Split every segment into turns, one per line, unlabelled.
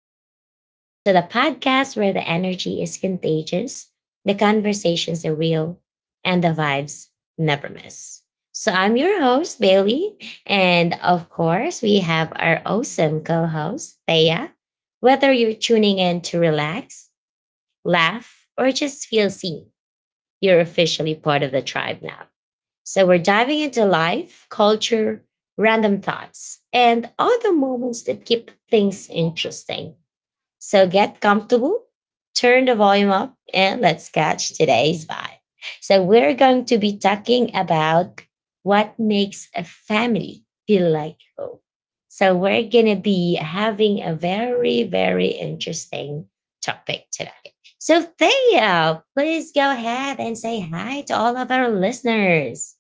the Vibe Tribe. So, the podcast where the energy is contagious, the conversations are real, and the vibes never miss. So, I'm your host, Bailey. And of course, we have our awesome co host, Thea. Whether you're tuning in to relax, laugh, or just feel seen, you're officially part of the tribe now. So we're diving into life, culture, random thoughts, and other moments that keep things interesting. So get comfortable, turn the volume up, and let's catch today's vibe. So we're going to be talking about what makes a family feel like home. So we're going to be having a very, very interesting topic today. So Thea, please go ahead and say hi to all of our listeners.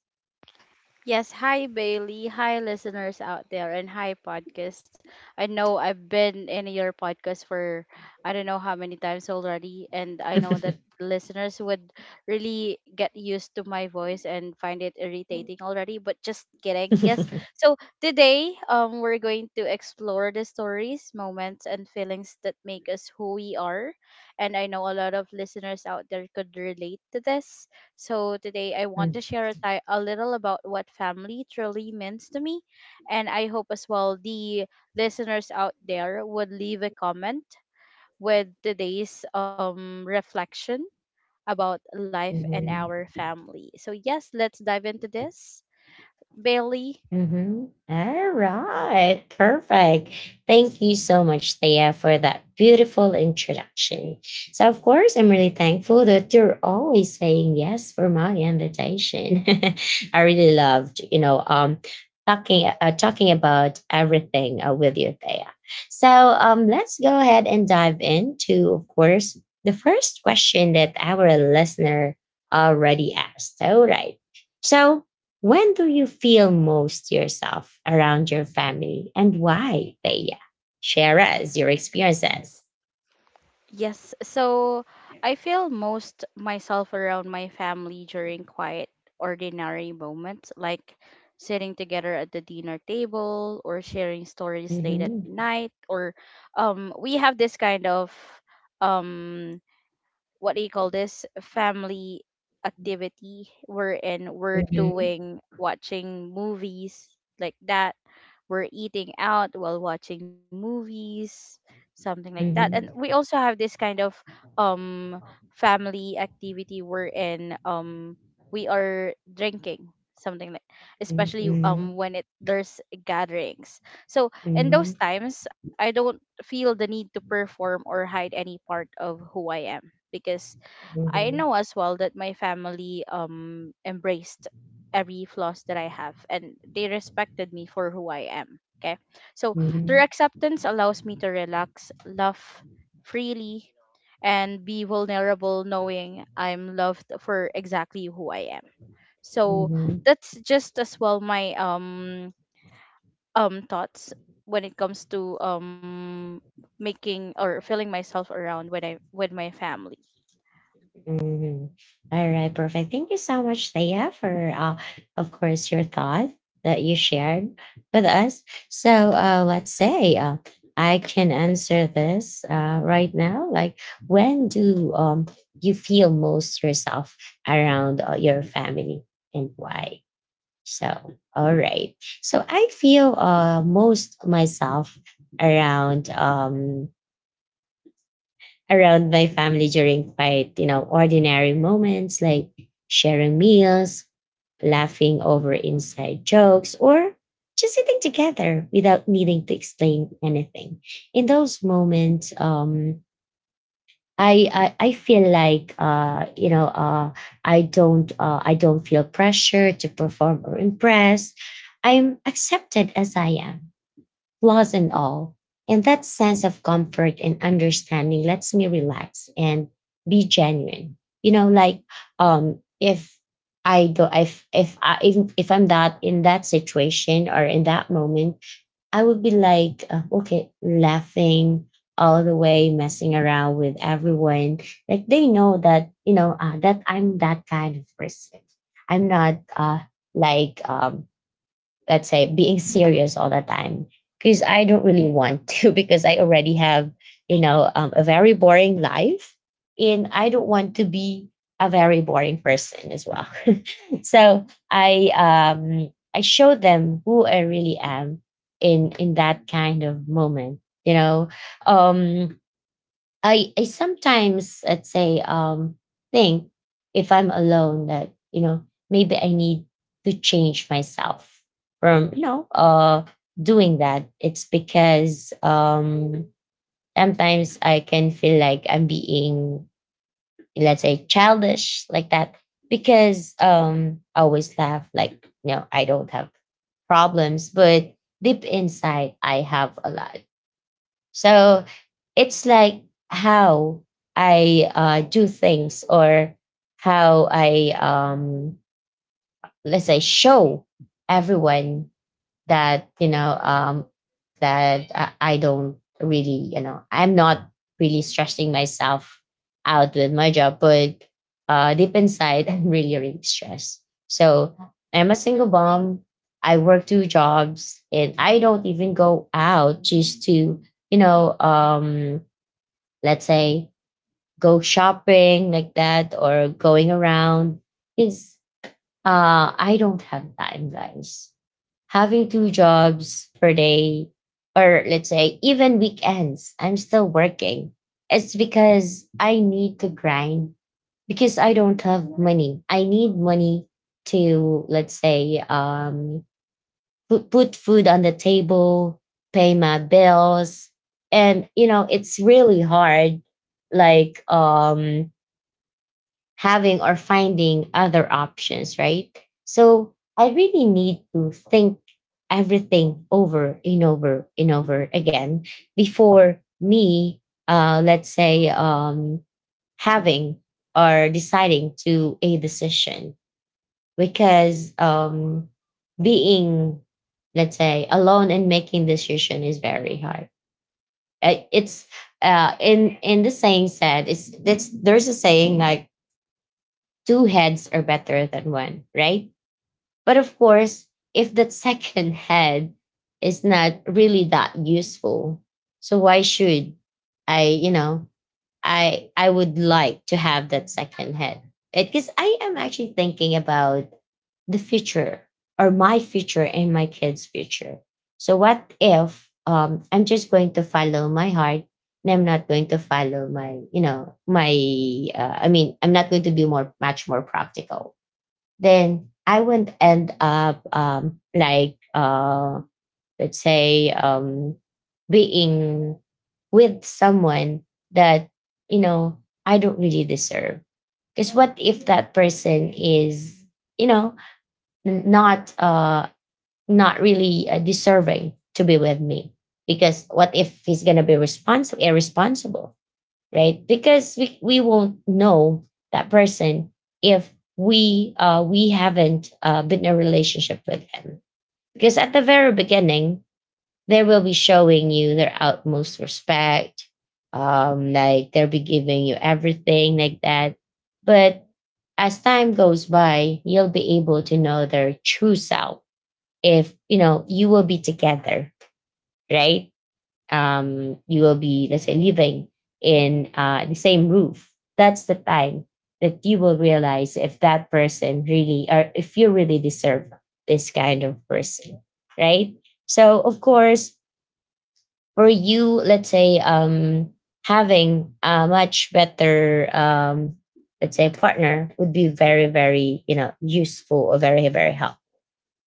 Yes, hi Bailey, hi listeners out there, and hi podcast. I know I've been in your podcast for I don't know how many times already, and I know that listeners would really get used to my voice and find it irritating already, but just kidding. Yes. So today, we're going to explore the stories, moments, and feelings that make us who we are, and I know a lot of listeners out there could relate to this so today I want to share a, a little about what family truly means to me, and I hope as well the listeners out there would leave a comment with today's reflection about life and our
Mhm.
family. So yes, let's dive into this. Bailey,
Mhm. Alright, perfect. Thank you so much, Thea, for that beautiful introduction. So, of course, I'm really thankful that you're always saying yes for my invitation. I really loved talking about everything with you, Thea. So, let's go ahead and dive into, of course, the first question that our listener already asked. All right. So when do you feel most yourself around your family and why, Thea? Share us your experiences.
yes, so I feel most myself around my family during quiet, ordinary moments, like sitting together at the dinner table or sharing stories late at
Mhm.
night, or we have this kind of um, what do you call this family activity we're
Mhm.
doing watching movies like that we're eating out while watching movies, something like that. And we also
Mhm.
have this kind of um family activity wherein we are drinking something like especially
Mhm.
when it there's gatherings, so in
Mhm.
those times I don't feel the need to perform or hide any part of who I am because I
Mhm.
know as well that my family embraced every flaws that I have and they respected me for who I am. Okay. So their
Mhm.
acceptance allows me to relax, laugh freely, and be vulnerable knowing I'm loved for exactly who I am. So
Mhm.
that's just as well my thoughts when it comes to making or feeling myself around when I with my family.
Mhm. All right, perfect. Thank you so much, Thea, for of course your thought that you shared with us. So let's say I can answer this right now. Like, when do you feel most yourself around your family and why? So, all right. So I feel most myself around. Um, around my family during quite, ordinary moments like sharing meals, laughing over inside jokes, or just sitting together without needing to explain anything. In those moments, I feel like I don't feel pressure to perform or impress. I'm accepted as I am, flaws and all. And that sense of comfort and understanding lets me relax and be genuine. You know, like if I go, if I if I'm that in that situation or in that moment, I would be like, okay, laughing all the way, messing around with everyone. Like they know that you know that I'm that kind of person. I'm not like let's say being serious all the time because I don't really want to. Because I already have a very boring life and I don't want to be a very boring person as well. So I show them who I really am in that kind of moment. Um I sometimes I'd say, think if I'm alone that maybe I need to change myself from doing that. It's because sometimes I can feel like I'm being, let's say, childish like that because I always laugh like I don't have problems, but deep inside I have a lot. So it's like how I do things or how I let's say show everyone that you know that I don't really I'm not really stressing myself out with my job, but deep inside I'm really really stressed. So I'm a single mom. I work two jobs and I don't even go out just to you know um let's say go shopping like that or going around is I don't have time, guys, having two jobs per day or let's say even weekends I'm still working. It's because I need to grind because I don't have money, I need money to let's say put food on the table, pay my bills. And it's really hard, like having or finding other options, right? So I really need to think everything over and over and over again before me, let's say, having or deciding to a decision because being, let's say, alone and making decision is very hard. It's in the saying said it's that's there's a saying like two heads are better than one, right? But of course, if that second head is not really that useful, so why should I, you know, I would like to have that second head. Because I am actually thinking about the future or my future and my kids' future. So what if I'm just going to follow my heart and I'm not going to follow my, I mean, I'm not going to be more much more practical. Then I wouldn't end up like let's say being with someone that you know I don't really deserve because what if that person is you know n- not uh not really deserving to be with me because what if he's gonna be responsible irresponsible, right? Because we won't know that person if we haven't been in a relationship with him because at the very beginning they will be showing you their utmost respect. Like they'll be giving you everything like that. But as time goes by, you'll be able to know their true self. If you know you will be together, right? You will be, let's say, living in the same roof. That's the time that you will realize if that person really, or if you really deserve this kind of person, right? So, of course, for you, let's say having a much better let's say partner would be very very useful or very very helpful,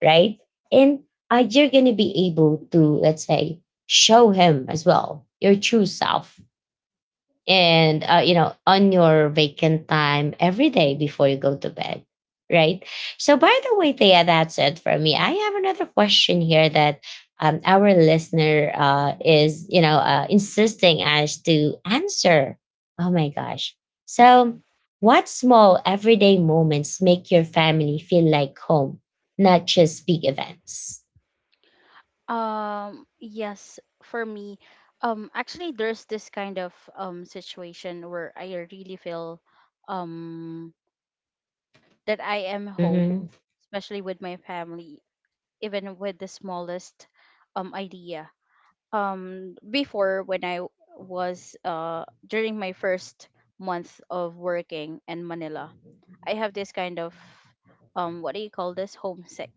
right? And you're going to be able to let's say show him as well your true self and on your vacant time every day before you go to bed, right? So, by the way, Thea, that's it for me. I have another question here that our listener is insisting us to answer. Oh my gosh. So what small everyday moments make your family feel like home, not just big events?
Yes, for me, actually, there's this kind of situation where I really feel um that I am home,
Mm-hmm.
especially with my family, even with the smallest idea. Before when I was during my first month of working in Manila, I have this kind of what do you call this homesick,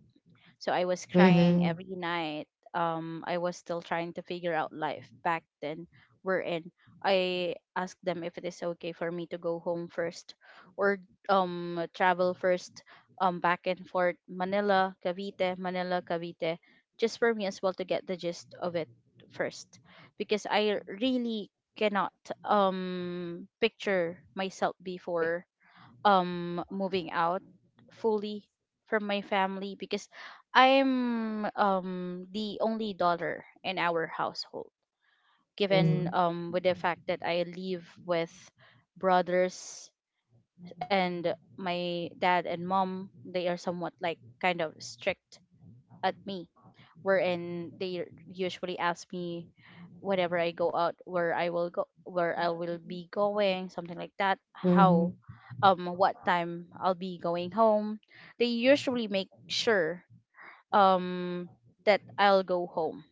so I was crying
Mm-hmm.
every night. I was still trying to figure out life back then. We're in. I asked them if it is okay for me to go home first or travel first back and forth Manila, Cavite, Manila, Cavite, just for me as well to get the gist of it first because I really cannot picture myself before moving out fully from my family because I'm the only daughter in our household, given
Mm-hmm.
with the fact that I live with brothers, and my dad and mom they are somewhat like kind of strict at me, wherein they usually ask me whenever I go out where I will go where I will be going, something like that, how
Mm-hmm.
what time I'll be going home. They usually make sure um that I'll go home.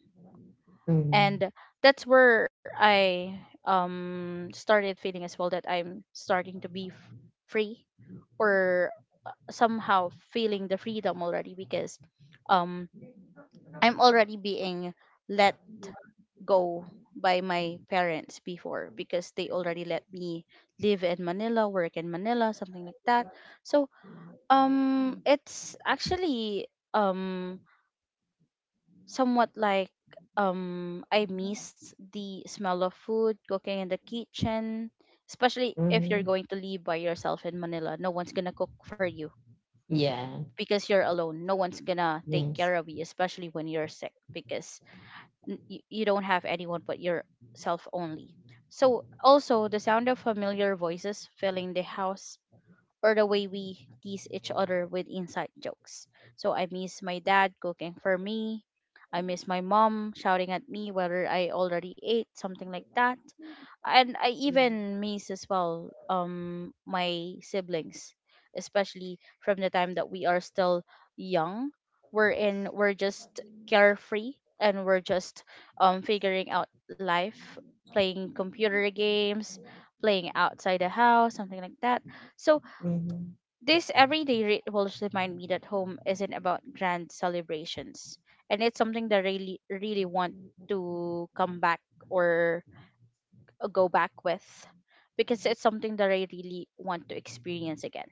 Mm-hmm.
And that's where I started feeling as well that I'm starting to be free or somehow feeling the freedom already because um I'm already being let go by my parents before because they already let me live in Manila, work in Manila, something like that. So, it's actually somewhat like I missed the smell of food, cooking in the kitchen, especially if you're
Mm-hmm.
going to live by yourself in Manila. No one's going to cook for you
Yeah.
because you're alone. No one's going to take
Yes.
care of you, especially when you're sick because you don't have anyone but yourself only. So also the sound of familiar voices filling the house or the way we tease each other with inside jokes. So I miss my dad cooking for me. I miss my mom shouting at me whether I already ate, something like that, and I
Mhm.
even miss as well my siblings, especially from the time that we are still young. We're just carefree and we're just figuring out life, playing computer games, playing outside the house, something like that. So
Mhm.
this everyday rituals remind me that home isn't about grand celebrations. And it's something that I really really want to come back or go back with because it's something that I really want to experience again.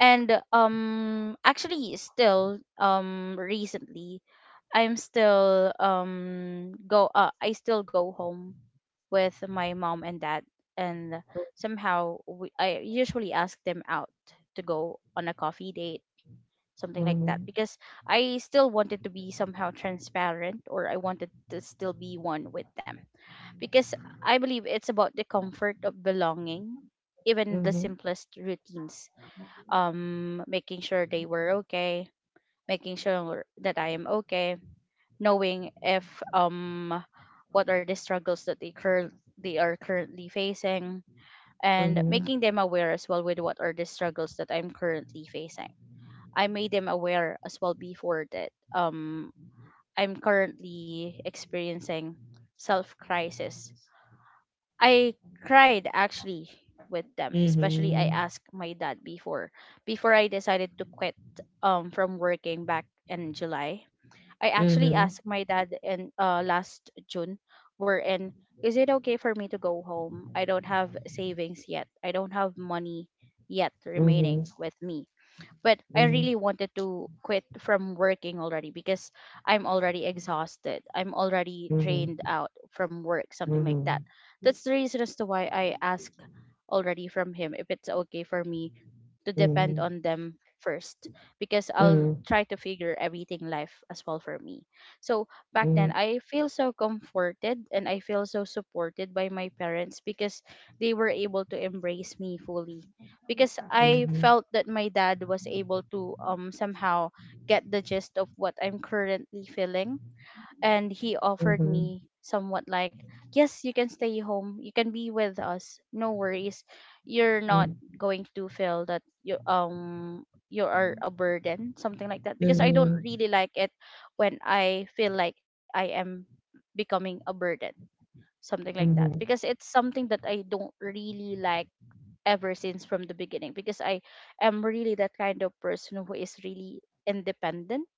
And actually still recently I'm still go I still go home with my mom and dad, and somehow I usually ask them out to go on a coffee date something like that
Mhm.
because I still wanted to be somehow transparent or I wanted to still be one with them because I believe it's about the comfort of belonging, even the
Mhm.
simplest routines. Making sure they were okay, making sure that I am okay, knowing if um what are the struggles that they are currently facing,
Mhm.
and
Mhm.
making them aware as well with what are the struggles that I'm currently facing. I made them aware as well before that I'm currently experiencing self crisis. I cried actually with them, especially I
Mhm.
asked my dad before before I decided to quit from working back in July. I
Mhm.
actually
Mhm.
asked my dad in last June wherein is it okay for me to go home? I don't have savings yet. I don't have money yet
Mhm.
remaining with me, but I really wanted to quit from working already because I'm already exhausted. I'm already
Mhm.
drained
Mhm.
out from work,
Mhm.
something like that.
Mhm.
That's the reason as to why I asked already from him if it's okay for me to
Mhm.
depend on
Mhm. Mhm.
them first because I'll try to figure everything life as well for me. So back then I feel so comforted and I feel so supported by my parents because they were able to embrace me fully because I felt that my dad was able to somehow get the gist of what I'm currently feeling, and he
Mhm.
offered
Mhm.
me somewhat like yes you can stay home you can be with us no worries you're not going to feel that you you are a burden, something like that because I don't really like it when I feel like I am becoming a burden, something like
Mhm.
that
Mhm.
because
Mhm.
it's something that I don't really like ever since from the beginning because I am really that kind of person who is really independent,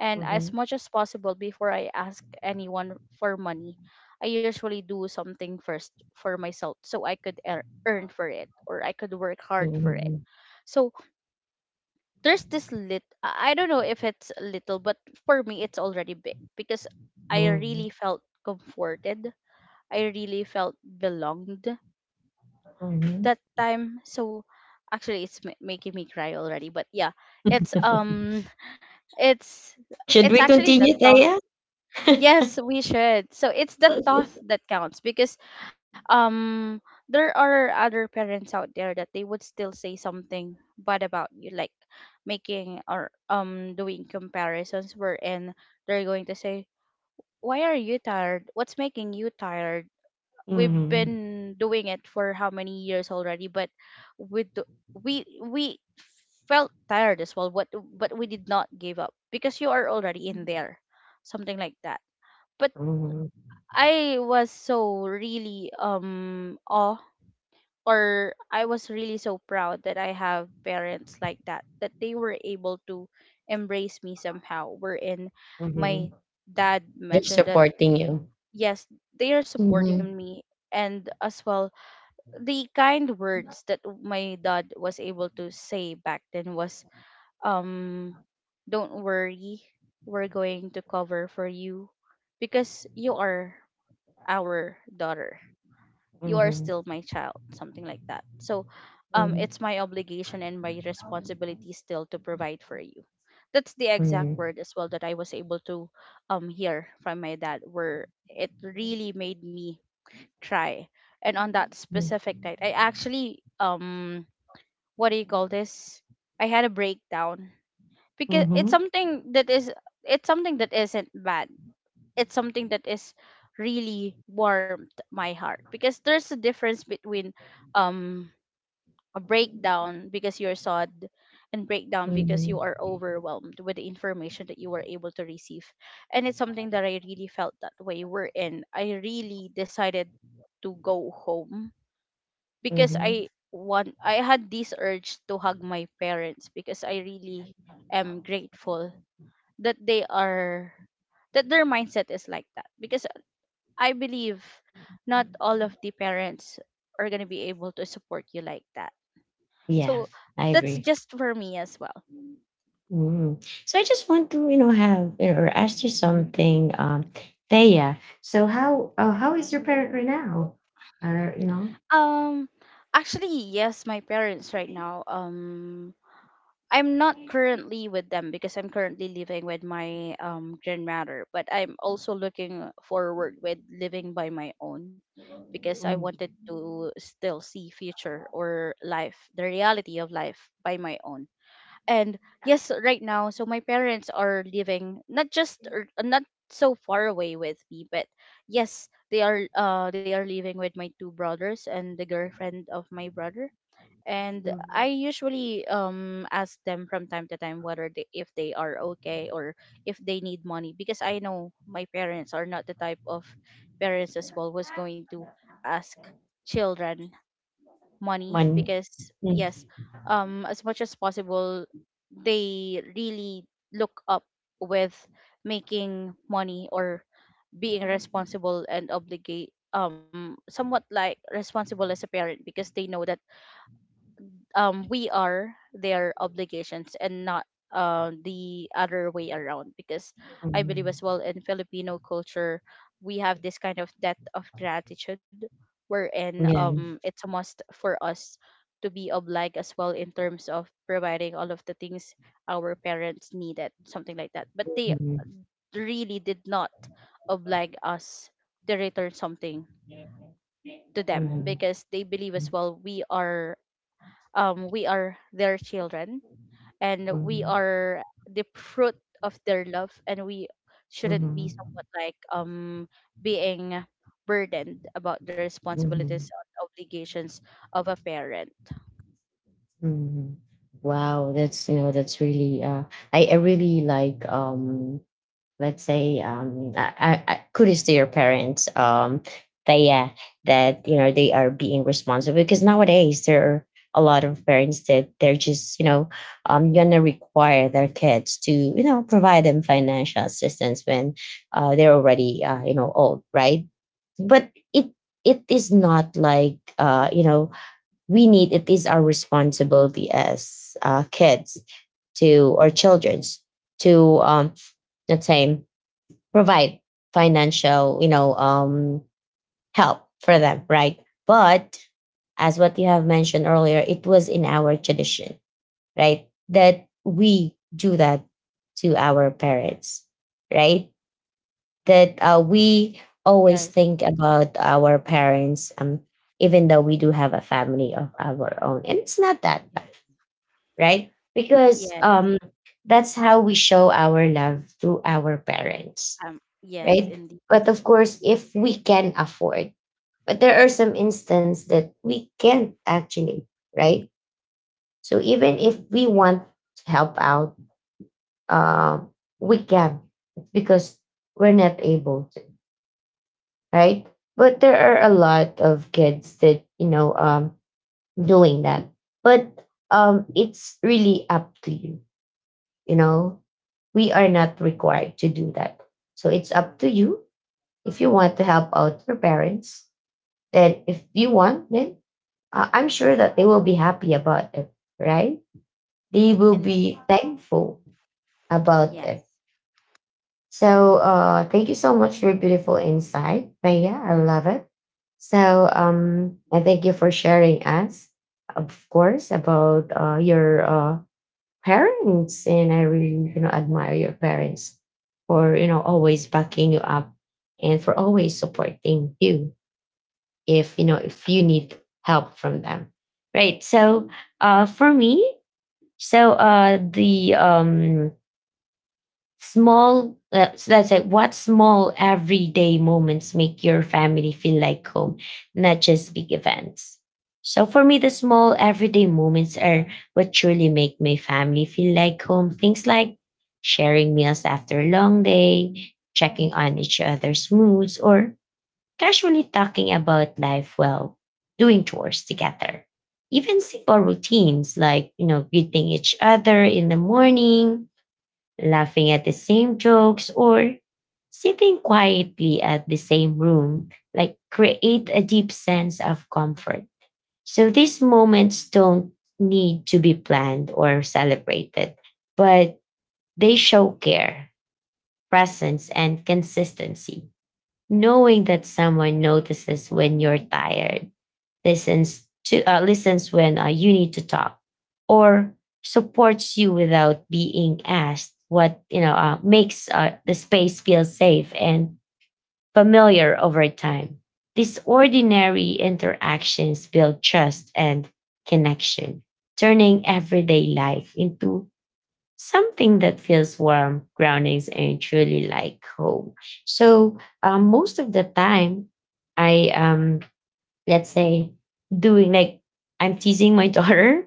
and as much as possible before I ask anyone for money, I usually do something first for myself so I could earn for it or I could work hard for it. So there's this lit I don't know if it's little but for me it's already big because I really felt comforted. I really felt belonged that time. So actually it's making me cry already but yeah it's um it's
Should
it's
we
actually the
continue,
thought,
Taya?
yes we should, so it's the thought that counts because um there are other parents out there that they would still say something bad about you like making or doing comparisons wherein they're going to say why are you tired what's making you tired we've
Mhm.
been doing it for how many years already but we do, we felt tired as well but we did not give up because you are already in there something like that but
Mhm.
I was so really awe or I was really so proud that I have parents like that that they were able to embrace me somehow wherein
Mhm.
my dad
They're
mentioned that
supporting you.
yes they are supporting
Mhm.
me, and as well the kind words that my dad was able to say back then was um don't worry we're going to cover for you because you are our daughter you are
Mhm.
still my child, something like that, so it's
Mhm.
my obligation and my responsibility still to provide for you. That's the exact
Mhm.
word as well that I was able to hear from my dad where it really made me try. And on that specific night, I actually what do you call this? I had a breakdown
Mhm.
because it's
Mhm.
something that is it's something that isn't bad. It's something that is really warmed my heart because there's a difference between um a breakdown because you're sad and breakdown because you
Mhm.
are overwhelmed with the information that you were able to receive, and it's something that I really felt that way. We in. I really decided to go home because
Mhm.
I want I had this urge to hug my parents because I really am grateful that they are that their mindset is like that because I believe not all of the parents are going to be able to support you like that.
Yeah,
So
I
that's
agree.
just for me as well.
Mm. So I just want to, have or ask you something, Thea. So how how is your parent right now? Or
Um actually yes, my parents right now, I'm not currently with them because I'm currently living with my grandmother, but I'm also looking forward with living by my own because I
Mm.
wanted to still see future or life, the reality of life by my own. And yes, right now, so my parents are living not just or not so far away with me, but yes, they are living with my two brothers and the girlfriend of my brother. And I
Mm.
usually ask them from time to time whether they if they are okay or if they need money, because I know my parents are not the type of parents as well was going to ask children money,
one.
because
Mm.
yes, as much as possible they really look up with making money or being responsible and obligate, somewhat like responsible as a parent, because they know that we are their obligations and not the other way around. Because I believe
Mm.
as well in Filipino culture, we have this kind of debt of gratitude wherein
Yeah.
it's a must for us to be obliged as well in terms of providing all of the things our parents needed, something like that. But they
Mhm.
really did not oblige us to return something to them,
Mhm.
because they believe as well we are, we are their children, and we
Mhm.
are the fruit of their love, and we shouldn't be
Mhm.
somewhat like being burdened about the responsibilities
Mhm.
and obligations of a parent.
Mhm. Wow, that's you know that's really. I really like let's say kudos to your parents, that, yeah, that they are being responsible because nowadays there are a lot of parents that they're just gonna require their kids to provide them financial assistance when they're already old, right? But it is not like you know we need it is our responsibility as kids to, or children's, to let's say provide financial, help for them, right? But as what you have mentioned earlier, it was in our tradition, right? That we do that to our parents, right? That we always
Yes.
think about our parents, even though we do have a family of our own. And it's not that bad,
Yes.
right? Because
Yes.
that's how we show our love to our parents,
Yes,
right?
indeed.
But of course, if we can afford, but there are some instances that we can't actually, right? So even if we want to help out, uh, we can because we're not able to, right? But there are a lot of kids that doing that, but it's really up to you. You know, we are not required to do that, so it's up to you if you want to help out your parents. Then, if you want, then I'm sure that they will be happy about it, right? They will
In
be thankful about it.
yes,
So thank you so much for your beautiful insight, Rhea. I love it. So and thank you for sharing us, of course, about your parents. And I really, you know, admire your parents for always backing you up, and for always supporting you if if you need help from them, right? So for me so the small so that's like, what small everyday moments make your family feel like home, not just big events? So for me, the small everyday moments are what truly make my family feel like home. Things like sharing meals after a long day, checking on each other's moods, or casually talking about life while doing chores together. Even simple routines like, you know, greeting each other in the morning, laughing at the same jokes, or sitting quietly at the same room, like create a deep sense of comfort. So these moments don't need to be planned or celebrated, but they show care, presence, and consistency. Knowing that someone notices when you're tired, listens to listens when you need to talk, or supports you without being asked, what you know makes the space feel safe and familiar over time. These ordinary interactions build trust and connection, turning everyday life into something that feels warm, grounding, and truly like home. Most of the time, I let's say, doing like, I'm teasing my daughter.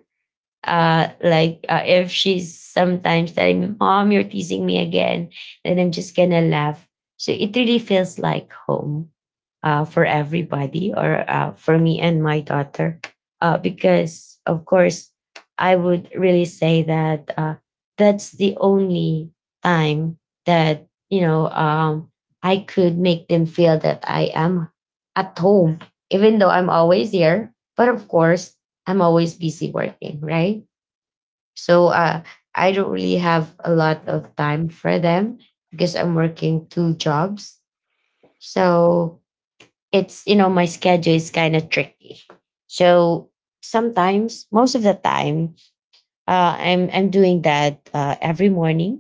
If she's sometimes telling me, "Mom, you're teasing me again," and I'm just gonna laugh. So it really feels like home for everybody, or for me and my daughter. Because, of course, I would really say that that's the only time that, you know, I could make them feel that I am at home, even though I'm always here. But of course, I'm always busy working, right? So uh, I don't really have a lot of time for them because I'm working two jobs. So it's, you know, my schedule is kind of tricky, so sometimes, most of the time, I'm doing that every morning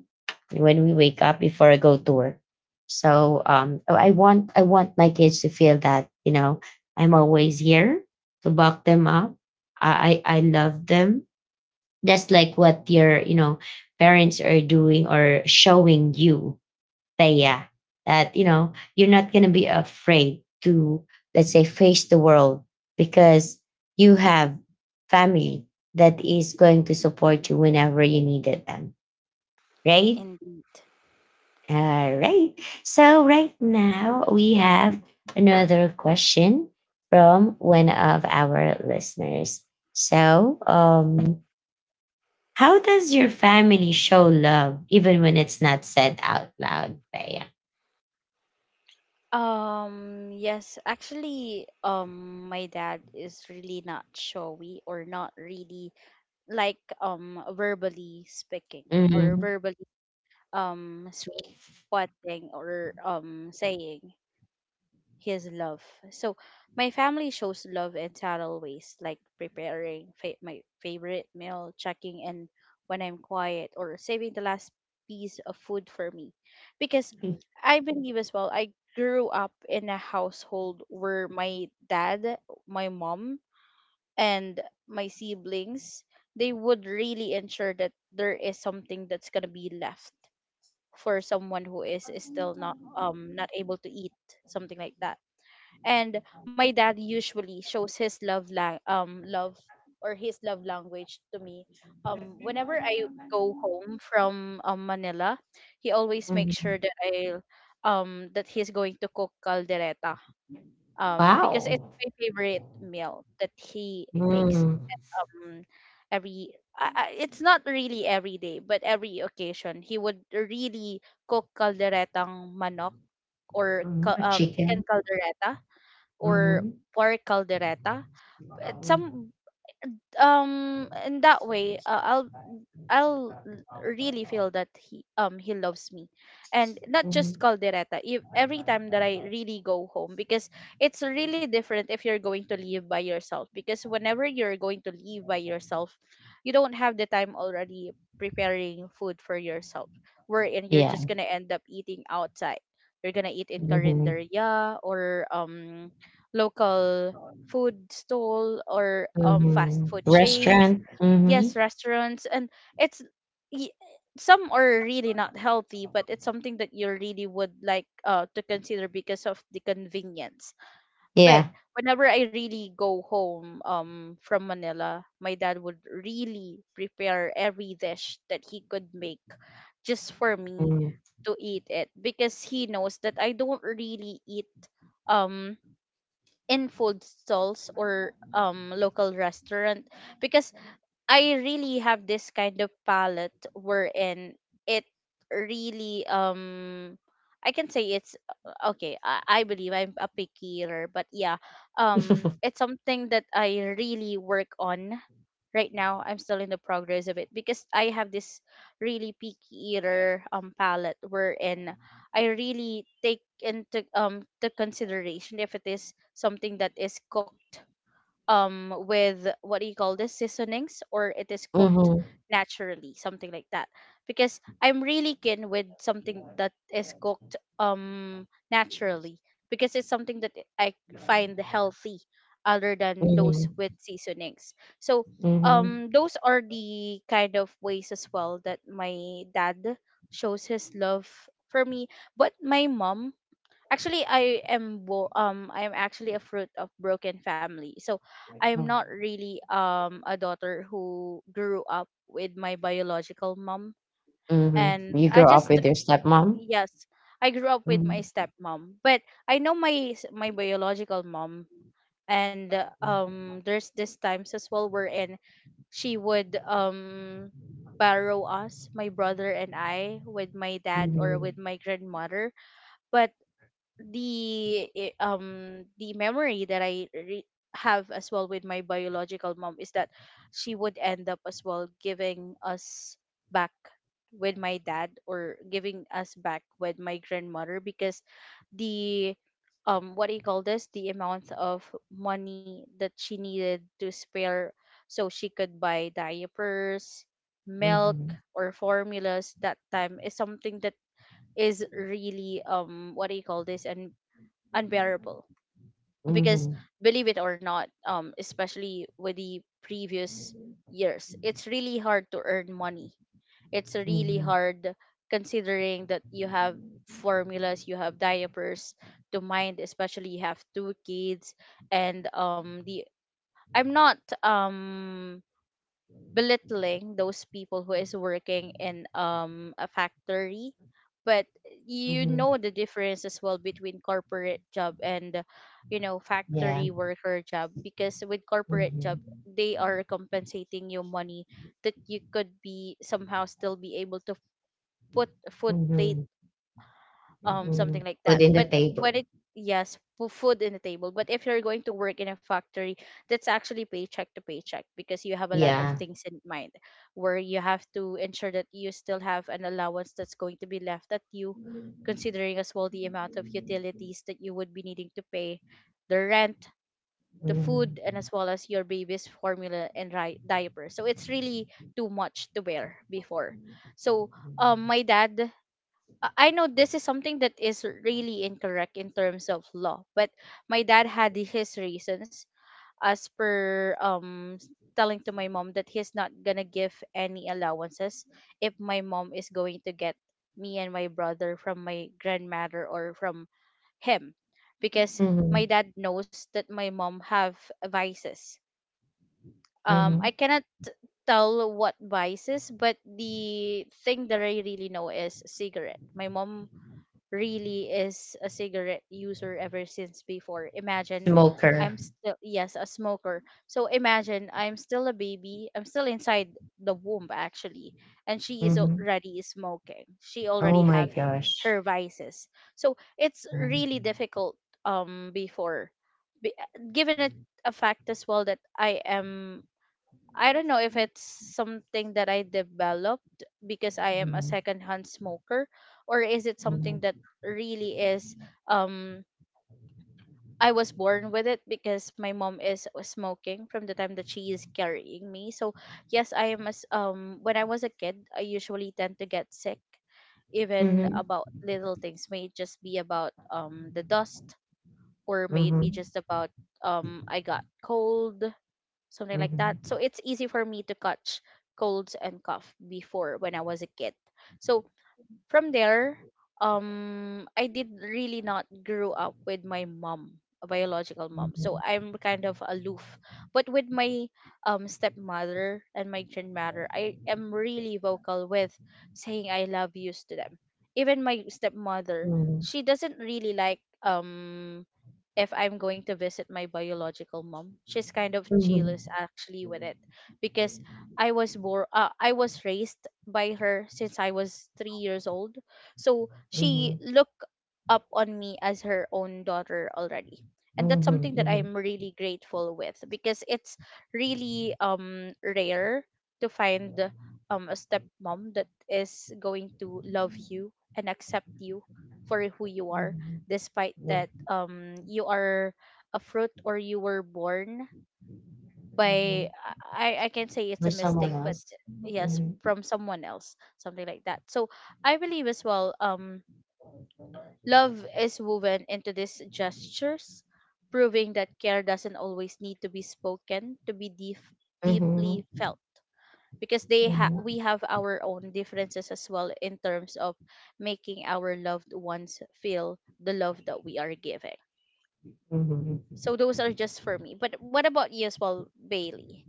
when we wake up before I go to work. I want my kids to feel that, you know, I'm always here to buck them up. I love them, just like what your, you know, parents are doing or showing you. That yeah, that you know, you're not gonna be afraid to, let's say, face the world, because you have family that is going to support you whenever you needed them, right?
indeed.
All right. So right now we have another question from one of our listeners. So, how does your family show love even when it's not said out loud, Bea?
Yes, actually, my dad is really not showy or not really like, verbally speaking, or
Mhm.
verbally um
Sweet.
quoting or saying his love. So my family shows love in subtle ways, like preparing my favorite meal, checking in when I'm quiet, or saving the last piece of food for me. Because I believe as well, I grew up in a household where my dad, my mom, and my siblings, they would really ensure that there is something that's gonna be left for someone who is still not able to eat, something like that. And my dad usually shows his love or his love language to me whenever I go home from, Manila. He always makes
Mhm.
sure that I, that he's going to cook caldereta, because it's
Wow.
my favorite meal that he makes.
Mm.
um, every it's not really every day but every occasion, he would really cook calderetang manok, or
Mhm. Chicken.
chicken caldereta, or
Mhm.
pork caldereta. It- some in that way, I'll, really feel that he loves me, and not just
Mhm.
caldereta. If, every time that I really go home, because it's really different if you're going to live by yourself. Because whenever you're going to live by yourself, you don't have the time already preparing food for yourself, wherein you're
Yeah.
just gonna end up eating outside. You're gonna eat in
Mhm.
carinderia or local food stall, or fast
Mhm.
food chains,
Restaurant.
yes,
Mhm.
restaurants. And it's y- some are really not healthy, but it's something that you really would like to consider because of the convenience. But
Yeah.
whenever I really go home from Manila, my dad would really prepare every dish that he could make just for me
Mhm.
to eat it, because he knows that I don't really eat um in food stalls or local restaurant, because I really have this kind of palette wherein it really, I can say it's, okay, I believe I'm a picky eater, but yeah, it's something that I really work on right now. I'm still in the progress of it, because I have this really picky eater palette wherein I really take into the consideration if it is something that is cooked with, what do you call this, seasonings, or it is cooked
Mhm.
naturally, something like that. Because I'm really keen with something that is cooked naturally, because it's something that I find healthy, other than those
Mhm.
with seasonings. So
Mhm.
those are the kind of ways as well that my dad shows his love for me. But my mom, actually, I am actually a fruit of broken family. So I am
Mhm.
not really a daughter who grew up with my biological mom.
Mhm.
And
You
I
grow up
just,
with your stepmom.
yes, I grew up with my
Mhm.
stepmom. But I know my biological mom. And there's this times as well wherein she would borrow us, my brother and I, with my dad or
Mhm.
with my grandmother. But the memory that have as well with my biological mom is that she would end up as well giving us back with my dad, or giving us back with my grandmother, because the what do you call this, the amount of money that she needed to spare so she could buy diapers, milk,
Mhm.
or formulas that time is something that is really, what do you call this, and unbearable. Because,
Mhm.
believe it or not, especially with the previous years, it's really hard to earn money. It's really
Mhm.
hard, considering that you have formulas, you have diapers to mind, especially you have two kids. And the, I'm not belittling those people who is working in a factory, but you know
Mhm.
the difference as well between corporate job and, you know,
Yeah.
factory worker job. Because with corporate job,
Mhm.
they are compensating you money that you could be somehow still be able to put food plate,
Mhm.
something
Mm.
like
Put
that.
in the
But when
table.
it, yes, food in the table. But if you're going to work in a factory, that's actually paycheck to paycheck, because you have a lot of
Yeah.
things in mind, where you have to ensure that you still have an allowance that's going to be left at you,
Mhm.
considering as well the amount of utilities that you would be needing to pay: the rent, the food, and as well as your baby's formula and diaper. So it's really too much to bear before. So my dad, I know this is something that is really incorrect in terms of law, but my dad had his reasons, as per telling to my mom that he's not gonna give any allowances if my mom is going to get me and my brother from my grandmother or from him, because
Mhm.
my dad knows that my mom have vices.
Mhm.
I cannot tell what vices, but the thing that I really know is cigarette. My mom really is a cigarette user ever since before. Imagine,
Smoker.
I'm still, yes, a smoker. So imagine, I'm still a baby, I'm still inside the womb, actually, and she is
Mhm.
already smoking. She
Oh
already
my
have
gosh.
her vices. So it's really
Mhm.
difficult before. Be- Given it a fact as well that I am, I don't know if it's something that I developed because I am a
Mhm.
secondhand smoker, or is it something that
Mhm.
really is um I was born with it, because my mom is smoking from the time that she is carrying me. So yes, I am as when I was a kid, I usually tend to get sick even
Mhm.
about little things. May it just be about the dust, or may it be just about I got cold, something like that.
Mhm.
So it's easy for me to catch colds and cough before when I was a kid. So from there, I did really not grow up with my mom, a biological mom. So
Mhm.
I'm kind of aloof. But with my stepmother and my grandmother, I am really vocal with saying I love yous to them. Even my stepmother, she doesn't really like if I'm going to visit my biological mom. She's kind of
Mhm.
jealous
Mhm.
actually with it, because I was born, I was raised by her since I was 3 years old. So
Mhm.
she
Mhm.
looked up on me as her own daughter already. And that's
Mhm.
something that
Mhm.
I'm really grateful with, because it's really rare to find a stepmom that is going to love you and accept you for who you are,
Mhm.
despite
Yeah.
that you are a fruit, or you were born by,
Mhm.
I can say it's
For
a
someone
mistake, but,
else.
yes,
Mhm.
from someone else, something like that. So I believe as well, love is woven into these gestures, proving that care doesn't always need to be spoken to be deep, deeply
Mhm.
felt. Because they we
Mhm.
have our own differences as well in terms of making our loved ones feel the love that we are giving.
Mhm.
So those are just for me. But what about you as well, Bailey?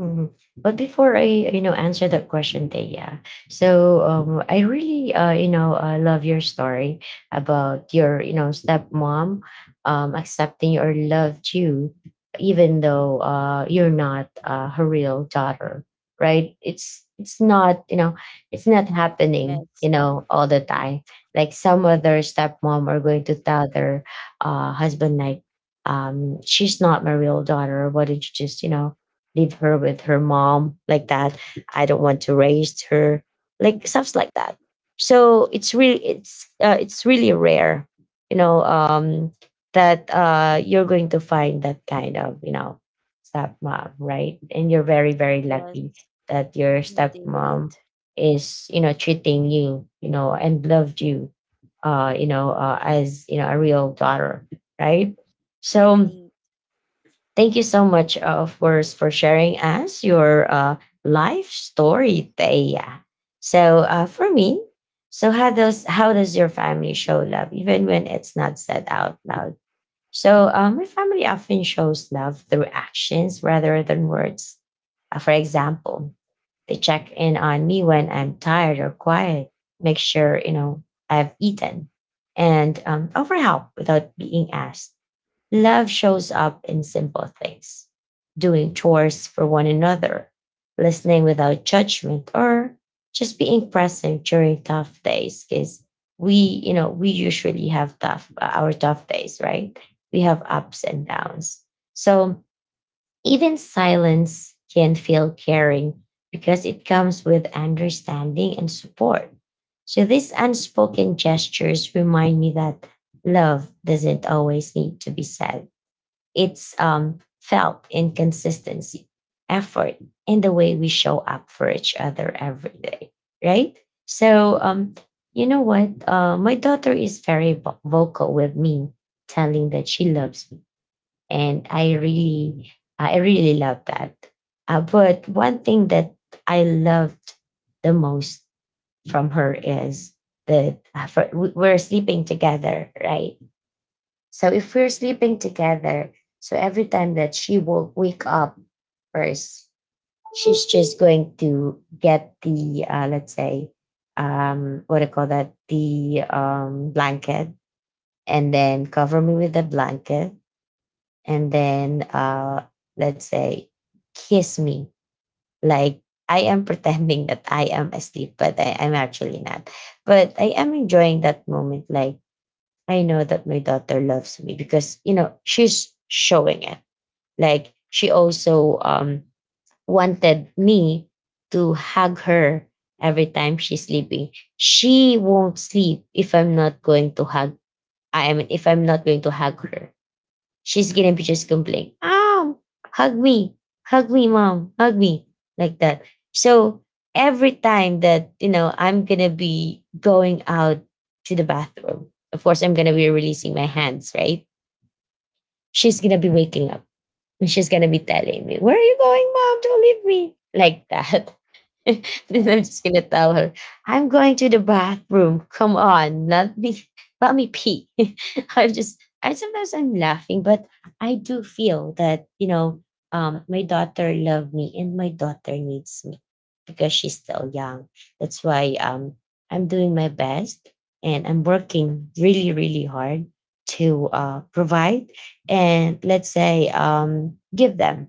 Mhm. But before I, you know, answer that question, Taya, I really, you know, love your story about your, you know, stepmom accepting or loved you, even though you're not her real daughter, right? It's not, you know, it's not happening,
Yes.
you know, all the time. Like some other stepmom are going to tell their husband, like, she's not my real daughter. Why did you just, you know, leave her with her mom like that? I don't want to raise her, like stuff like that. So it's really, it's really rare, you know, that you're going to find that kind of, you know, stepmom, right? And you're very, very
Yes.
lucky that your
Indeed.
stepmom is, you know, treating you, you know, and loved you, you know, as you know, a real daughter, right? So
Indeed,
thank you so much, of course, for sharing us your life story, Thea. For me, so how does, how does your family show love, even when it's not said out loud? My family often shows love through actions rather than words. For example, they check in on me when I'm tired or quiet, make sure you know I've eaten, and offer help without being asked. Love shows up in simple things: doing chores for one another, listening without judgment, or just being present during tough days. Because we, you know, we usually have tough, our tough days, right? We have ups and downs. So even silence can feel caring because it comes with understanding and support. So these unspoken gestures remind me that love doesn't always need to be said. It's felt in consistency, effort, and the way we show up for each other every day, right? So, you know what? My daughter is very vocal with me, telling that she loves me, and I really love that. But one thing that I loved the most from her is that we're sleeping together, right? So if we're sleeping together, so every time that she will wake up first, she's just going to get the let's say, what do you call that, the blanket, and then cover me with the blanket, and then let's say kiss me, like I am pretending that I am asleep, but I am actually not. But I am enjoying that moment. Like, I know that my daughter loves me because, you know, she's showing it. Like, she also wanted me to hug her every time she's sleeping. She won't sleep if I'm not going to hug. I mean, if I'm not going to hug her, she's gonna be just complaining, "Mom, hug me, hug me, mom, hug me," like that. So every time that, you know, I'm gonna be going out to the bathroom, of course, I'm gonna be releasing my hands, right? She's gonna be waking up, and she's gonna be telling me, "Where are you going, mom? Don't leave me." Like that. Then I'm
yes.
just gonna tell her, I'm going to the bathroom. Come on, let me, let me pee. I'm just, I sometimes I'm laughing, but I do feel that, you know, my daughter loved me, and my daughter needs me because she's still young. That's why I'm doing my best, and I'm working really, really hard to provide, and let's say, give them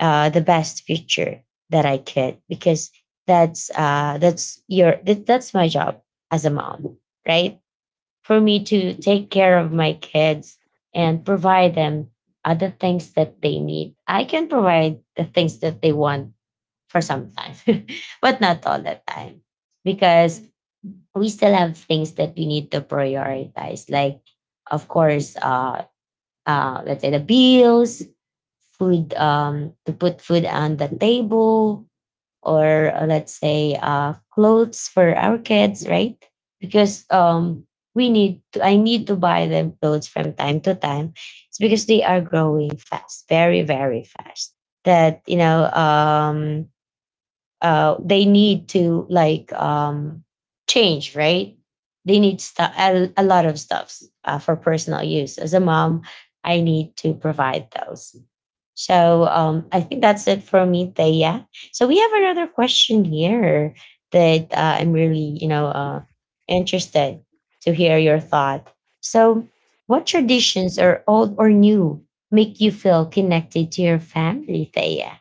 the best future that I could, because that's my job as a mom, right, for me to take care of my kids and provide them other things that they need. I can provide the things that they want for some time, but not all the time, because we still have things that we need to prioritize, like, of course, let's say the bills, food, to put food on the table, or let's say, clothes for our kids, right? Because we need to, I need to buy them clothes from time to time. It's because they are growing fast, very, very fast. That, you know, they need to, like, change, right? They need stuff, a lot of stuffs for personal use. As a mom, I need to provide those. So, I think that's it for me, Thea. So we have another question here that I'm really, you know, interested to hear your thought. So, what traditions are old or new make you feel connected to your family, Thea?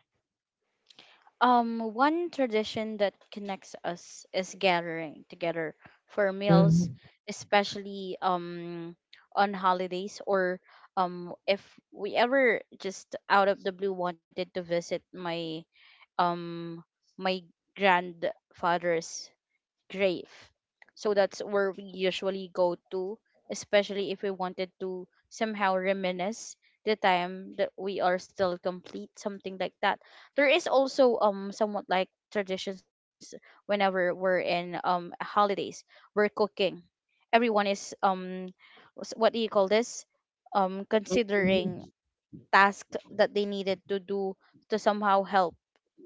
One tradition that connects us is gathering together for meals,
Mhm.
especially on holidays, or if we ever just out of the blue wanted to visit my, um my grandfather's grave. So that's where we usually go to, especially if we wanted to somehow reminisce the time that we are still complete, something like that. There is also somewhat like traditions whenever we're in holidays. We're cooking. Everyone is what do you call this? Considering
Mhm.
task that they needed to do to somehow help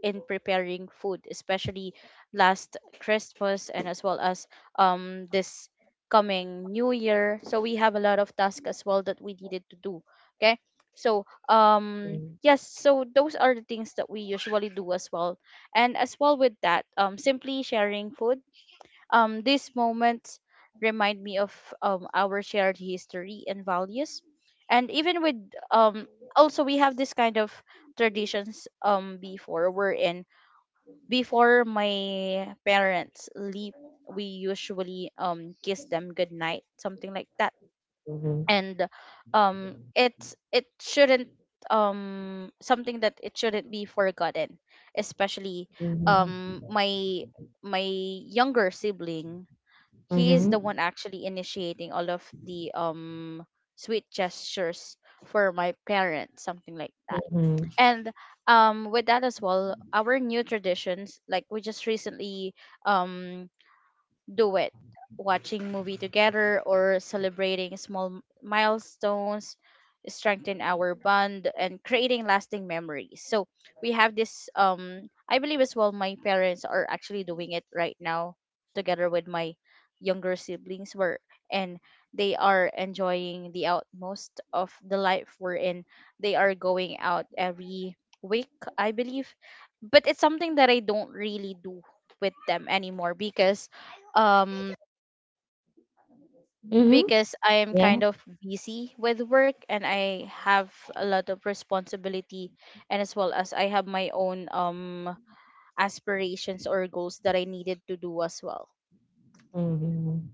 in preparing food, especially last Christmas and as well as this coming New Year. So we have a lot of tasks as well that we needed to do. Okay. So yes, so those are the things that we usually do as well. And as well with that, simply sharing food, these moments remind me of our shared history and values. And even with um, also we have this kind of traditions before my parents leave, we usually kiss them goodnight, something like that.
Mhm.
And it's it shouldn't something that it shouldn't be forgotten, especially
Mhm.
my my younger sibling. He is the
Mhm.
one actually initiating all of the sweet gestures for my parents, something like that.
Mhm.
And with that as well, our new traditions, like we just recently um do it, watching movie together or celebrating small milestones, strengthen our bond and creating lasting memories. So we have this I believe as well my parents are actually doing it right now together with my younger siblings were, and they are enjoying the outmost of the life we're in. They are going out every week, I believe, but it's something that I don't really do with them anymore um
Mhm.
because I am
Yeah.
kind of busy with work and I have a lot of responsibility, and as well as I have my own aspirations or goals that I needed to do as well.
Mhm.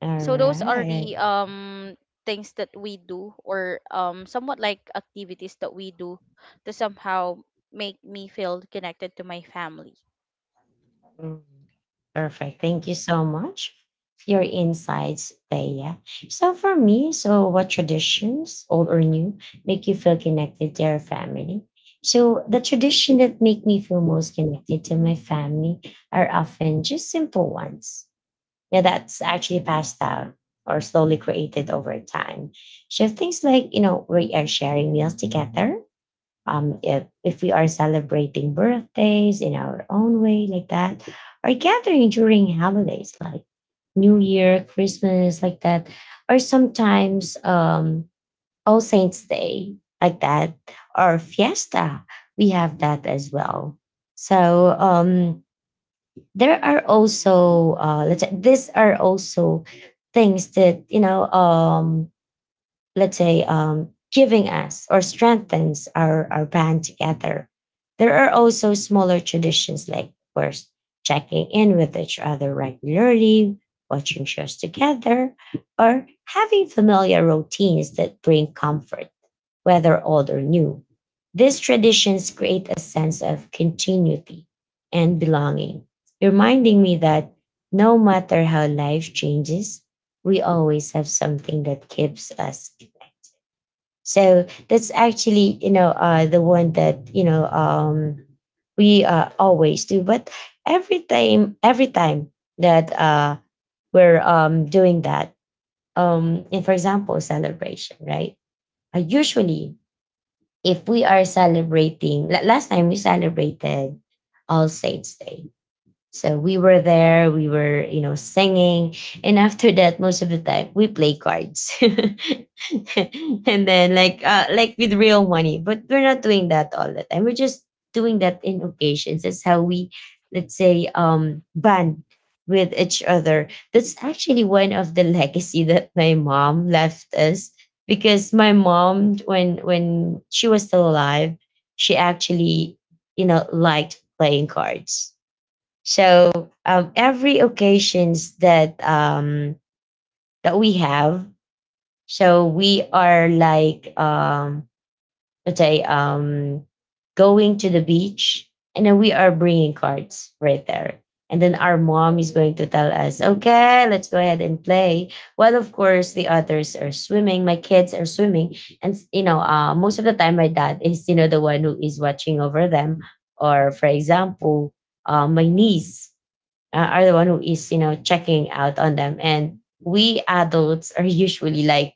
All
So those are the
right.
things that we do, or somewhat like activities that we do to somehow make me feel connected to my family.
Mm. Perfect. Thank you so much for your insights, Thea. So for me, so what traditions, old or new, make you feel connected to your family? So the tradition that make me feel most connected to my family are often just simple ones. Yeah, that's actually passed down or slowly created over time. So things like, you know, we are sharing meals together, if we are celebrating birthdays in our own way, like that, or gathering during holidays like New Year, Christmas, like that, or sometimes All Saints Day, like that, or Fiesta, we have that as well. So, there are also let's say, these are also things that, you know, let's say, giving us or strengthens our band together. There are also smaller traditions like, of course, checking in with each other regularly, watching shows together, or having familiar routines that bring comfort, whether old or new. These traditions create a sense of continuity and belonging, reminding me that no matter how life changes, we always have something that keeps us. So that's actually, you know, the one that, you know, we always do. But every time that we're doing that, in, for example, celebration, right? Usually, if we are celebrating, last time we celebrated All Saints Day, so we were there, we were, you know, singing. And after that, most of the time we play cards. And then, like, like with real money. But we're not doing that all the time. We're just doing that in occasions. That's how we, let's say, bond with each other. That's actually one of the legacy that my mom left us. Because my mom, when she was still alive, she actually, liked playing cards so every occasions that that we have, so we are like let's say going to the beach, and then we are bringing cards right there. And then our mom is going to tell us, okay, let's go ahead and play. Well, of course, the others are swimming. My kids are swimming. And, you know, most of the time, my dad is, you know, the one who is watching over them. Or, for example, my niece, are the one who is checking out on them, and we adults are usually like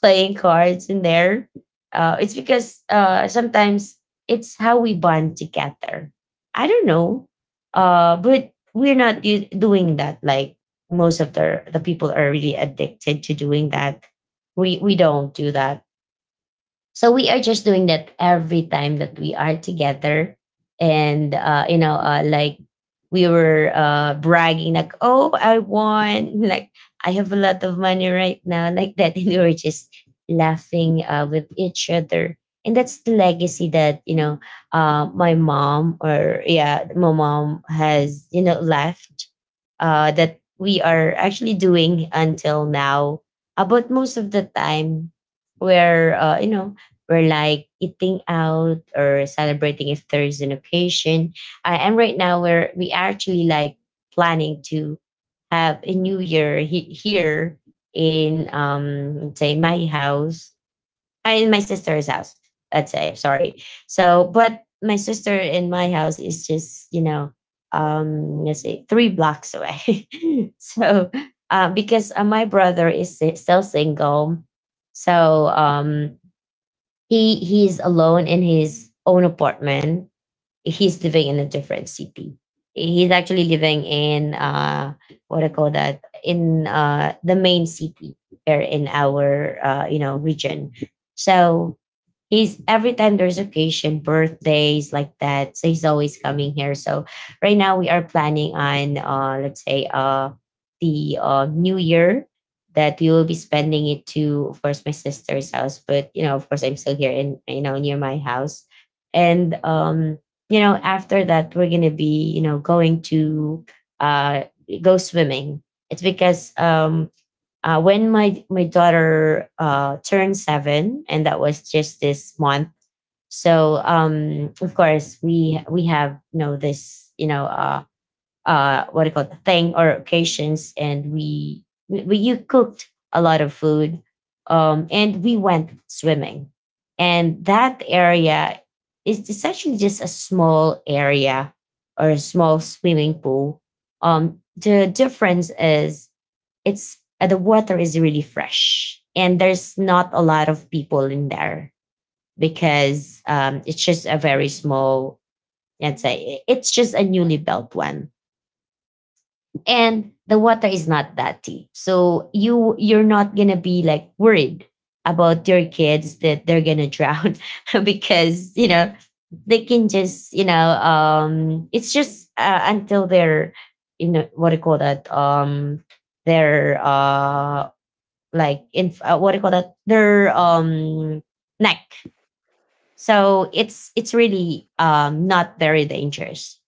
playing cards in there. It's because sometimes it's how we bond together. I don't know. But we're not doing that like most of the people are really addicted to doing that. We don't do that, so we are just doing that every time that we are together, and you know, like we were bragging, like, "Oh, I won! Like, I have a lot of money right now," like that, and we were just laughing with each other. And that's the legacy that my mom, or yeah, my mom has left, that we are actually doing until now. But most of the time, we're you know, we're like eating out or celebrating if there is an occasion. And right now, we actually like planning to have a new year here in say my house. I In my sister's house, let's say, sorry. So, but my sister, in my house is just, you know, let's say 3 blocks away. So, because my brother is still single. So, he's alone in his own apartment. He's living in a different city. He's actually living in what do you call that, in the main city here in our region. So he's, every time there's occasion, birthdays like that, so he's always coming here. So right now we are planning on let's say the new year, that we will be spending it to, of course, my sister's house, but you know, of course I'm still here in, you know, near my house. And you know, after that we're gonna be, you know, going to uh go swimming. It's because when my daughter turned 7, and that was just this month. So of course we have, you know, this, you know, what do you call it, thing or occasions, and we you cooked a lot of food, and we went swimming, and that area is, it's actually just a small area or a small swimming pool. The difference is it's the water is really fresh and there's not a lot of people in there, because it's just a very small, let's say it's just a newly built one, and the water is not that deep, so you're not gonna be like worried about your kids that they're gonna drown. Because, you know, they can just, you know, it's just until they're, you know, what do you call that, their like in what do you call that, their neck. So it's really not very dangerous.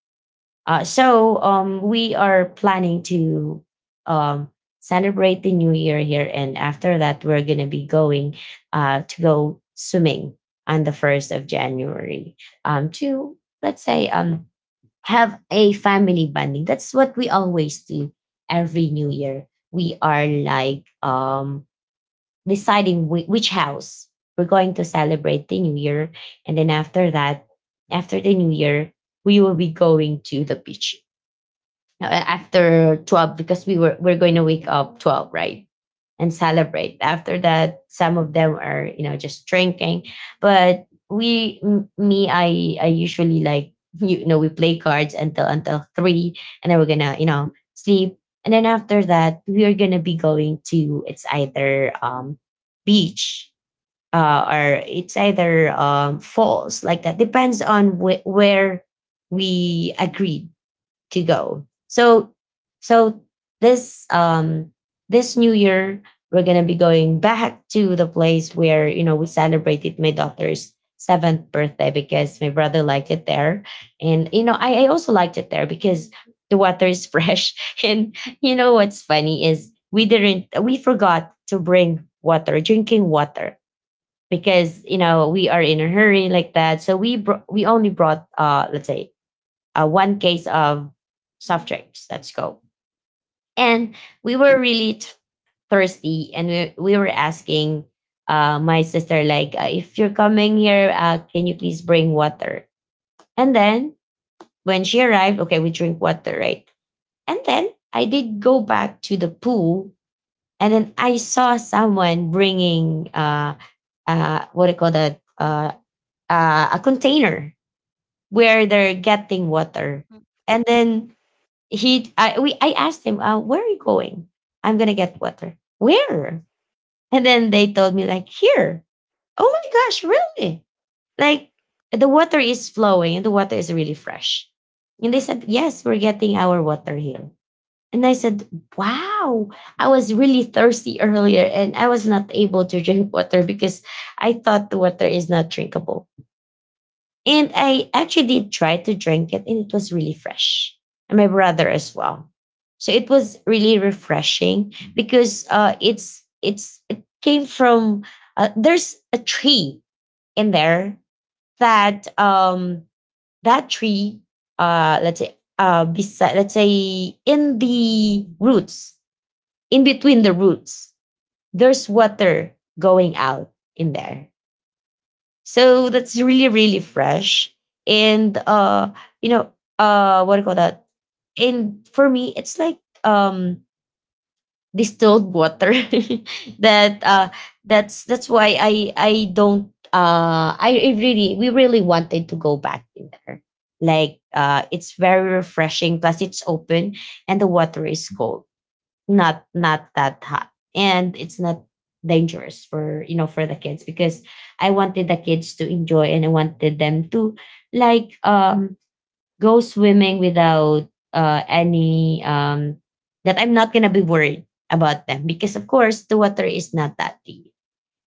So we are planning to um celebrate the new year here, and after that we're going to be going to go swimming on the 1st of January, to let's say have a family bonding. That's what we always do. Every new year we are like deciding which house we're going to celebrate the new year, and then after that, after the new year, we will be going to the beach, after 12, because we were we're going to wake up 12, right, and celebrate after that. Some of them are, you know, just drinking, but me, I usually like, you know, we play cards until 3, and then we're gonna, you know, sleep. And then after that we are gonna be going to, it's either beach or it's either falls, like that, depends on where we agreed to go. So this this new year we're gonna be going back to the place where, you know, we celebrated my daughter's seventh birthday, because my brother liked it there. And you know, I also liked it there, because the water is fresh. And you know what's funny is, we didn't we forgot to bring water, drinking water, because you know we are in a hurry like that. So we only brought let's say one case of soft drinks. Let's go. And we were really thirsty, and we were asking my sister like, if you're coming here, can you please bring water? And then when she arrived, okay, we drink water, right? And then I did go back to the pool, and then I saw someone bringing what do you call that? A container where they're getting water, and then he I, we I asked him, "Where are you going?" I'm gonna get water. Where? And then they told me like here. Oh my gosh, really? Like, the water is flowing and the water is really fresh. And they said, "Yes, we're getting our water here." And I said, "Wow, I was really thirsty earlier and I was not able to drink water because I thought the water is not drinkable." And I actually did try to drink it, and it was really fresh. And my brother as well. So it was really refreshing, because it came from there's a tree in there, that tree, let's say beside, let's say in the roots, in between the roots, there's water going out in there, so that's really, really fresh. And you know, what do you call that? And for me, it's like um distilled water that that's why I don't I really, we really wanted to go back in there. Like, it's very refreshing, plus it's open, and the water is cold, not, not that hot, and it's not dangerous for, you know, for the kids, because I wanted the kids to enjoy, and I wanted them to like go swimming without any that I'm not gonna be worried about them, because of course the water is not that deep.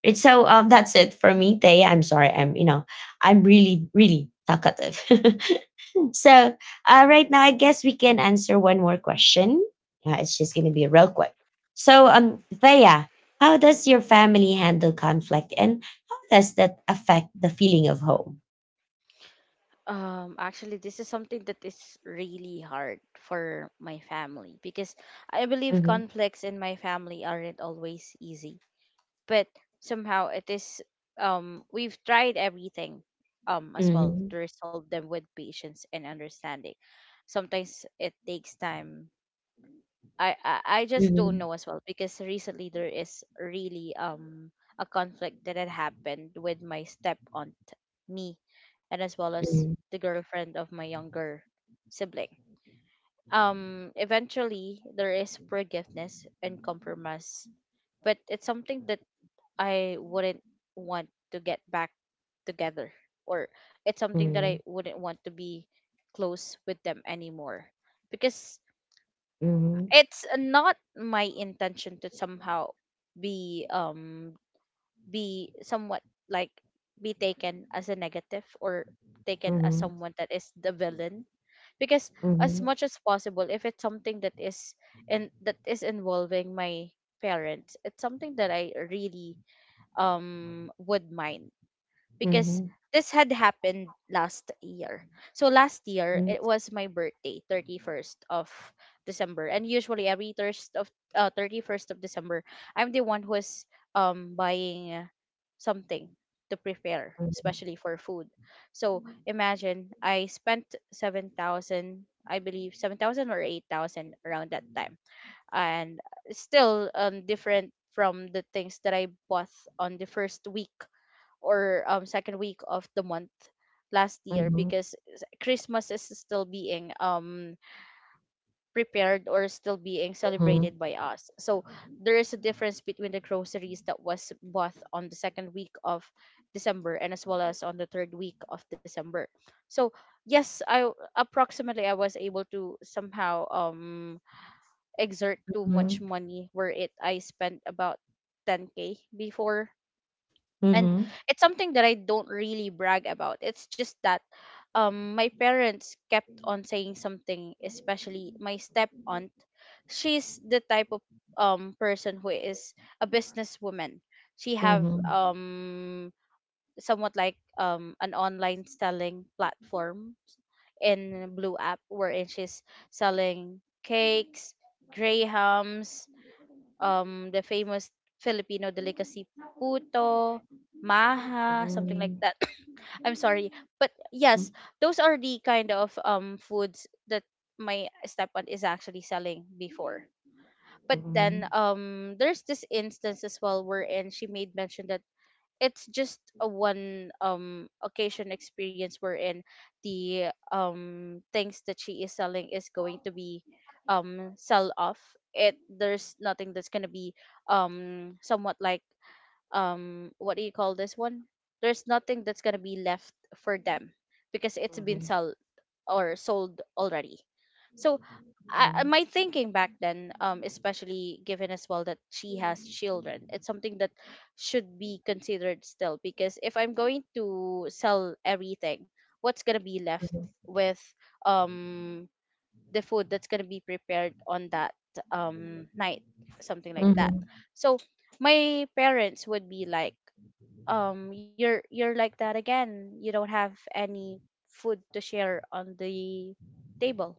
It's so That's it for me, Tay. I'm sorry, I'm, you know, I'm really, really talkative. So, right now, I guess we can answer one more question. It's just going to be real quick. So, Thea, how does your family handle conflict, and how does that affect the feeling of home?
Actually, this is something that is really hard for my family because I believe
Mm-hmm,
conflicts in my family aren't always easy. But somehow it is we've tried everything as well
mm-hmm,
to resolve them with patience and understanding. Sometimes it takes time. I just don't know
mm-hmm,
as well because recently there is really a conflict that had happened with my step aunt, me, and as well as the girlfriend of my younger sibling. Eventually there is forgiveness and compromise, but it's something that I wouldn't want to get back together, or it's something that
mm-hmm,
I wouldn't want to be close with them anymore, because
mm-hmm,
it's not my intention to somehow be um be somewhat like be taken as a negative or taken as someone that is the villain, because as
mm-hmm,
much as possible if it's something that is in that is involving my parents, it's something that I really would mind
mm-hmm,
because this had happened last year. So last year
mm-hmm,
it was my birthday, 31st of December. And usually every first of 31st of December, I'm the one who's buying something to prepare, especially for food. So imagine I spent 7,000, I believe 7,000 or 8,000 around that time. And still different from the things that I bought on the first week or second week of the month last year
mm-hmm,
because Christmas is still being prepared or still being
mm-hmm,
celebrated by us. So there is a difference between the groceries that was bought on the second week of December and as well as on the third week of December. So yes, approximately I was able to somehow exert too
mm-hmm,
much money where it I spent about 10K before, and
mm-hmm,
it's something that I don't really brag about. It's just that my parents kept on saying something, especially my step aunt. She's the type of person who is a businesswoman. She have
mm-hmm.
somewhat like an online selling platform in Blue App wherein she's selling cakes, grahams, the famous Filipino
Mhm.
delicacy puto,
Mhm.
maha, something like
Mhm.
that. I'm sorry, but yes, those are the kind of foods that my stepaunt is actually selling before. But then
Mhm.
there's this instance as well wherein she made mention that it's just a one occasion experience wherein the things that she is selling is going to be sell off, it there's nothing that's going to be somewhat like what do you call this one, there's nothing that's going to be left for them because it's been
Mhm.
sold or sold already. So
Mhm.
my thinking back then, especially given as well that she has children, it's something that should be considered still, because if I'm going to sell everything, what's going to be left with um the food that's going to be prepared on that night, something like that.
Mhm.
So my parents would be like you're like that again, you don't have any food to share on the table,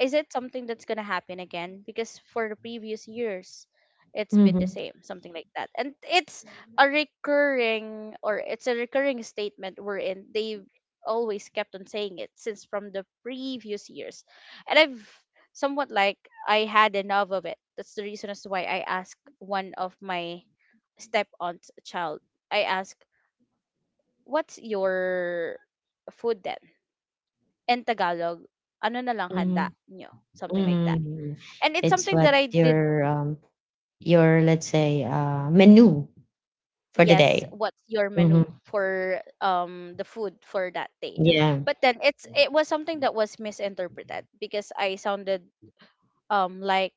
is it something that's going to happen again, because for the previous years it's been the
Mhm.
same, something like that. And it's a recurring or it's a recurring statement wherein they always kept on saying it since from the previous years. And I've somewhat like I had enough of it. That's the reason as to why I asked one of my step aunt's child. I asked, what's your food then? In tagalog, ano na lang handa
Mhm.
nyo, something like that.
Mhm.
And it's
It's
something that
what
I did.
your your, let's say, menu for the
Yes,
day.
what's your
Mm-hmm.
menu for the food for that day?
Yeah.
But then it was something that was misinterpreted because I sounded like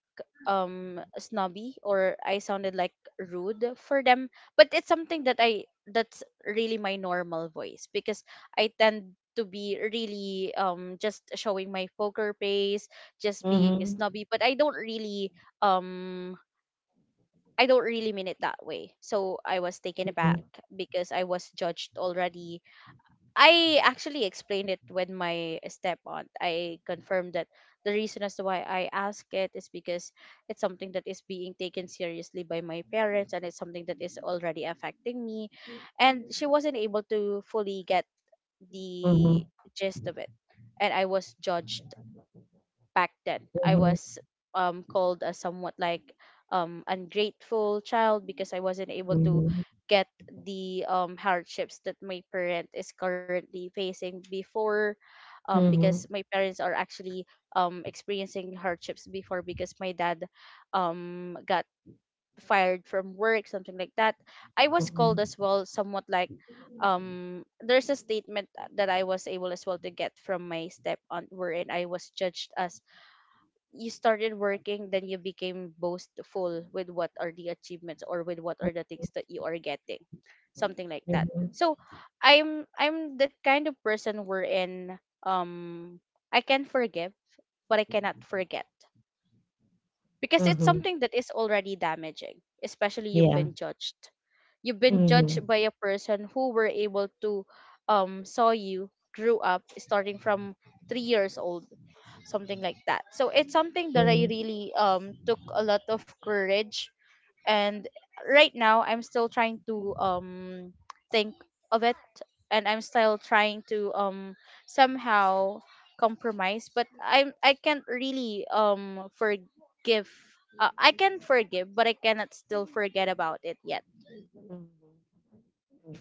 snobby, or I sounded like rude for them. But it's something that I that's really my normal voice because I tend to be really just showing my poker face, just being
Mm-hmm.
snobby, but um I don't really mean it that way. So I was taken aback because I was judged already. I actually explained it with my step aunt. I confirmed that the reason as to why I ask it is because it's something that is being taken seriously by my parents and it's something that is already affecting me. And she wasn't able to fully get the
Mm-hmm.
gist of it. And I was judged back then. I
Mm-hmm.
was called a somewhat like ungrateful child because I wasn't able to
Mm-hmm.
get the hardships that my parent is currently facing before, because
Mm-hmm.
my parents are actually experiencing hardships before because my dad got fired from work, something like that. I was called as
Mm-hmm.
well somewhat like there's a statement that I was able as well to get from my step aunt wherein I was judged as, you started working then you became boastful with what are the achievements or with what are the things that you are getting, something like that.
Mm-hmm.
So I'm that kind of person wherein I can forgive but I cannot forget, because it's
Mm-hmm.
something that is already damaging, especially you've
Yeah.
been judged, you've been judged
Mm-hmm.
by a person who were able to saw you grew up starting from 3 years old, something like that. So it's something that I really took a lot of courage. And right now I'm still trying to think of it, and I'm still trying to somehow compromise, but I can't really forgive. I can forgive but I cannot still forget about it yet.
Mm-hmm.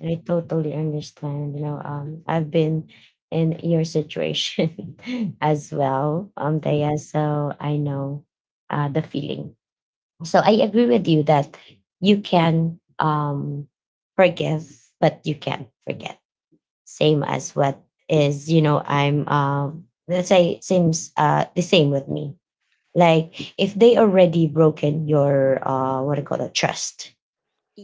I totally understand. You know, I've been in your situation as well, Daya. So I know the feeling. So I agree with you that you can forgive, but you can't forget. Same as what is, you know, I'm. Let's say, seems the same with me. Like, if they already broken your, what do you call it, trust,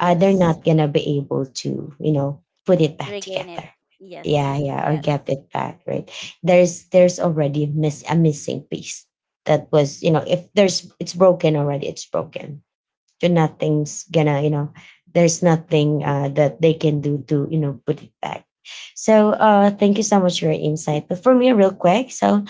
they're not gonna be able to, you know, put it back
regain it.
together.
Yes.
Yeah, yeah, or
Yes.
get it back, right. There's already miss a missing piece that was, you know, if there's, it's broken already, it's broken. So nothing's gonna, you know, there's nothing that they can do to, you know, put it back. So thank you so much for your insight. But for me, real quick, so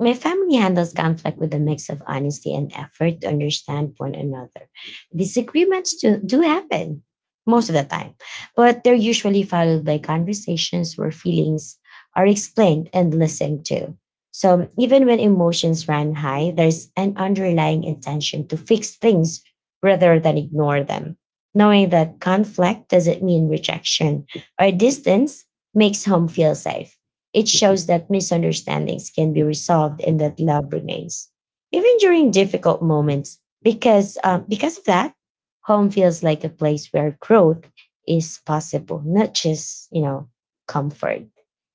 my family handles conflict with a mix of honesty and effort to understand one another. Disagreements do happen most of the time, but they're usually followed by conversations where feelings are explained and listened to. So even when emotions run high, there's an underlying intention to fix things rather than ignore them. Knowing that conflict doesn't mean rejection or distance makes home feel safe. It shows that misunderstandings can be resolved and that love remains, even during difficult moments. Because of that, home feels like a place where growth is possible, not just, you know, comfort.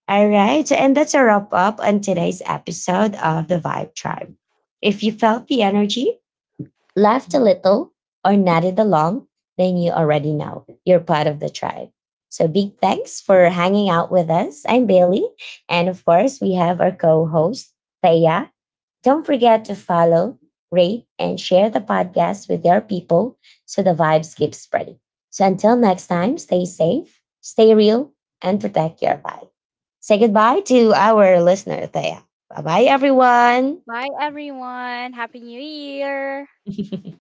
All right, and that's a wrap up on today's episode of the Vibe Tribe. If you felt the energy, laughed a little, or nodded along, then you already know you're part of the tribe. So big thanks for hanging out with us. I'm Bailey. And of course, we have our co-host, Thea. Don't forget to follow, rate, and share the podcast with your people, so the vibes keep spreading. So until next time, stay safe, stay real, and protect your vibe. Say goodbye to our listener, Thea. Bye-bye, everyone.
Bye everyone, happy new year.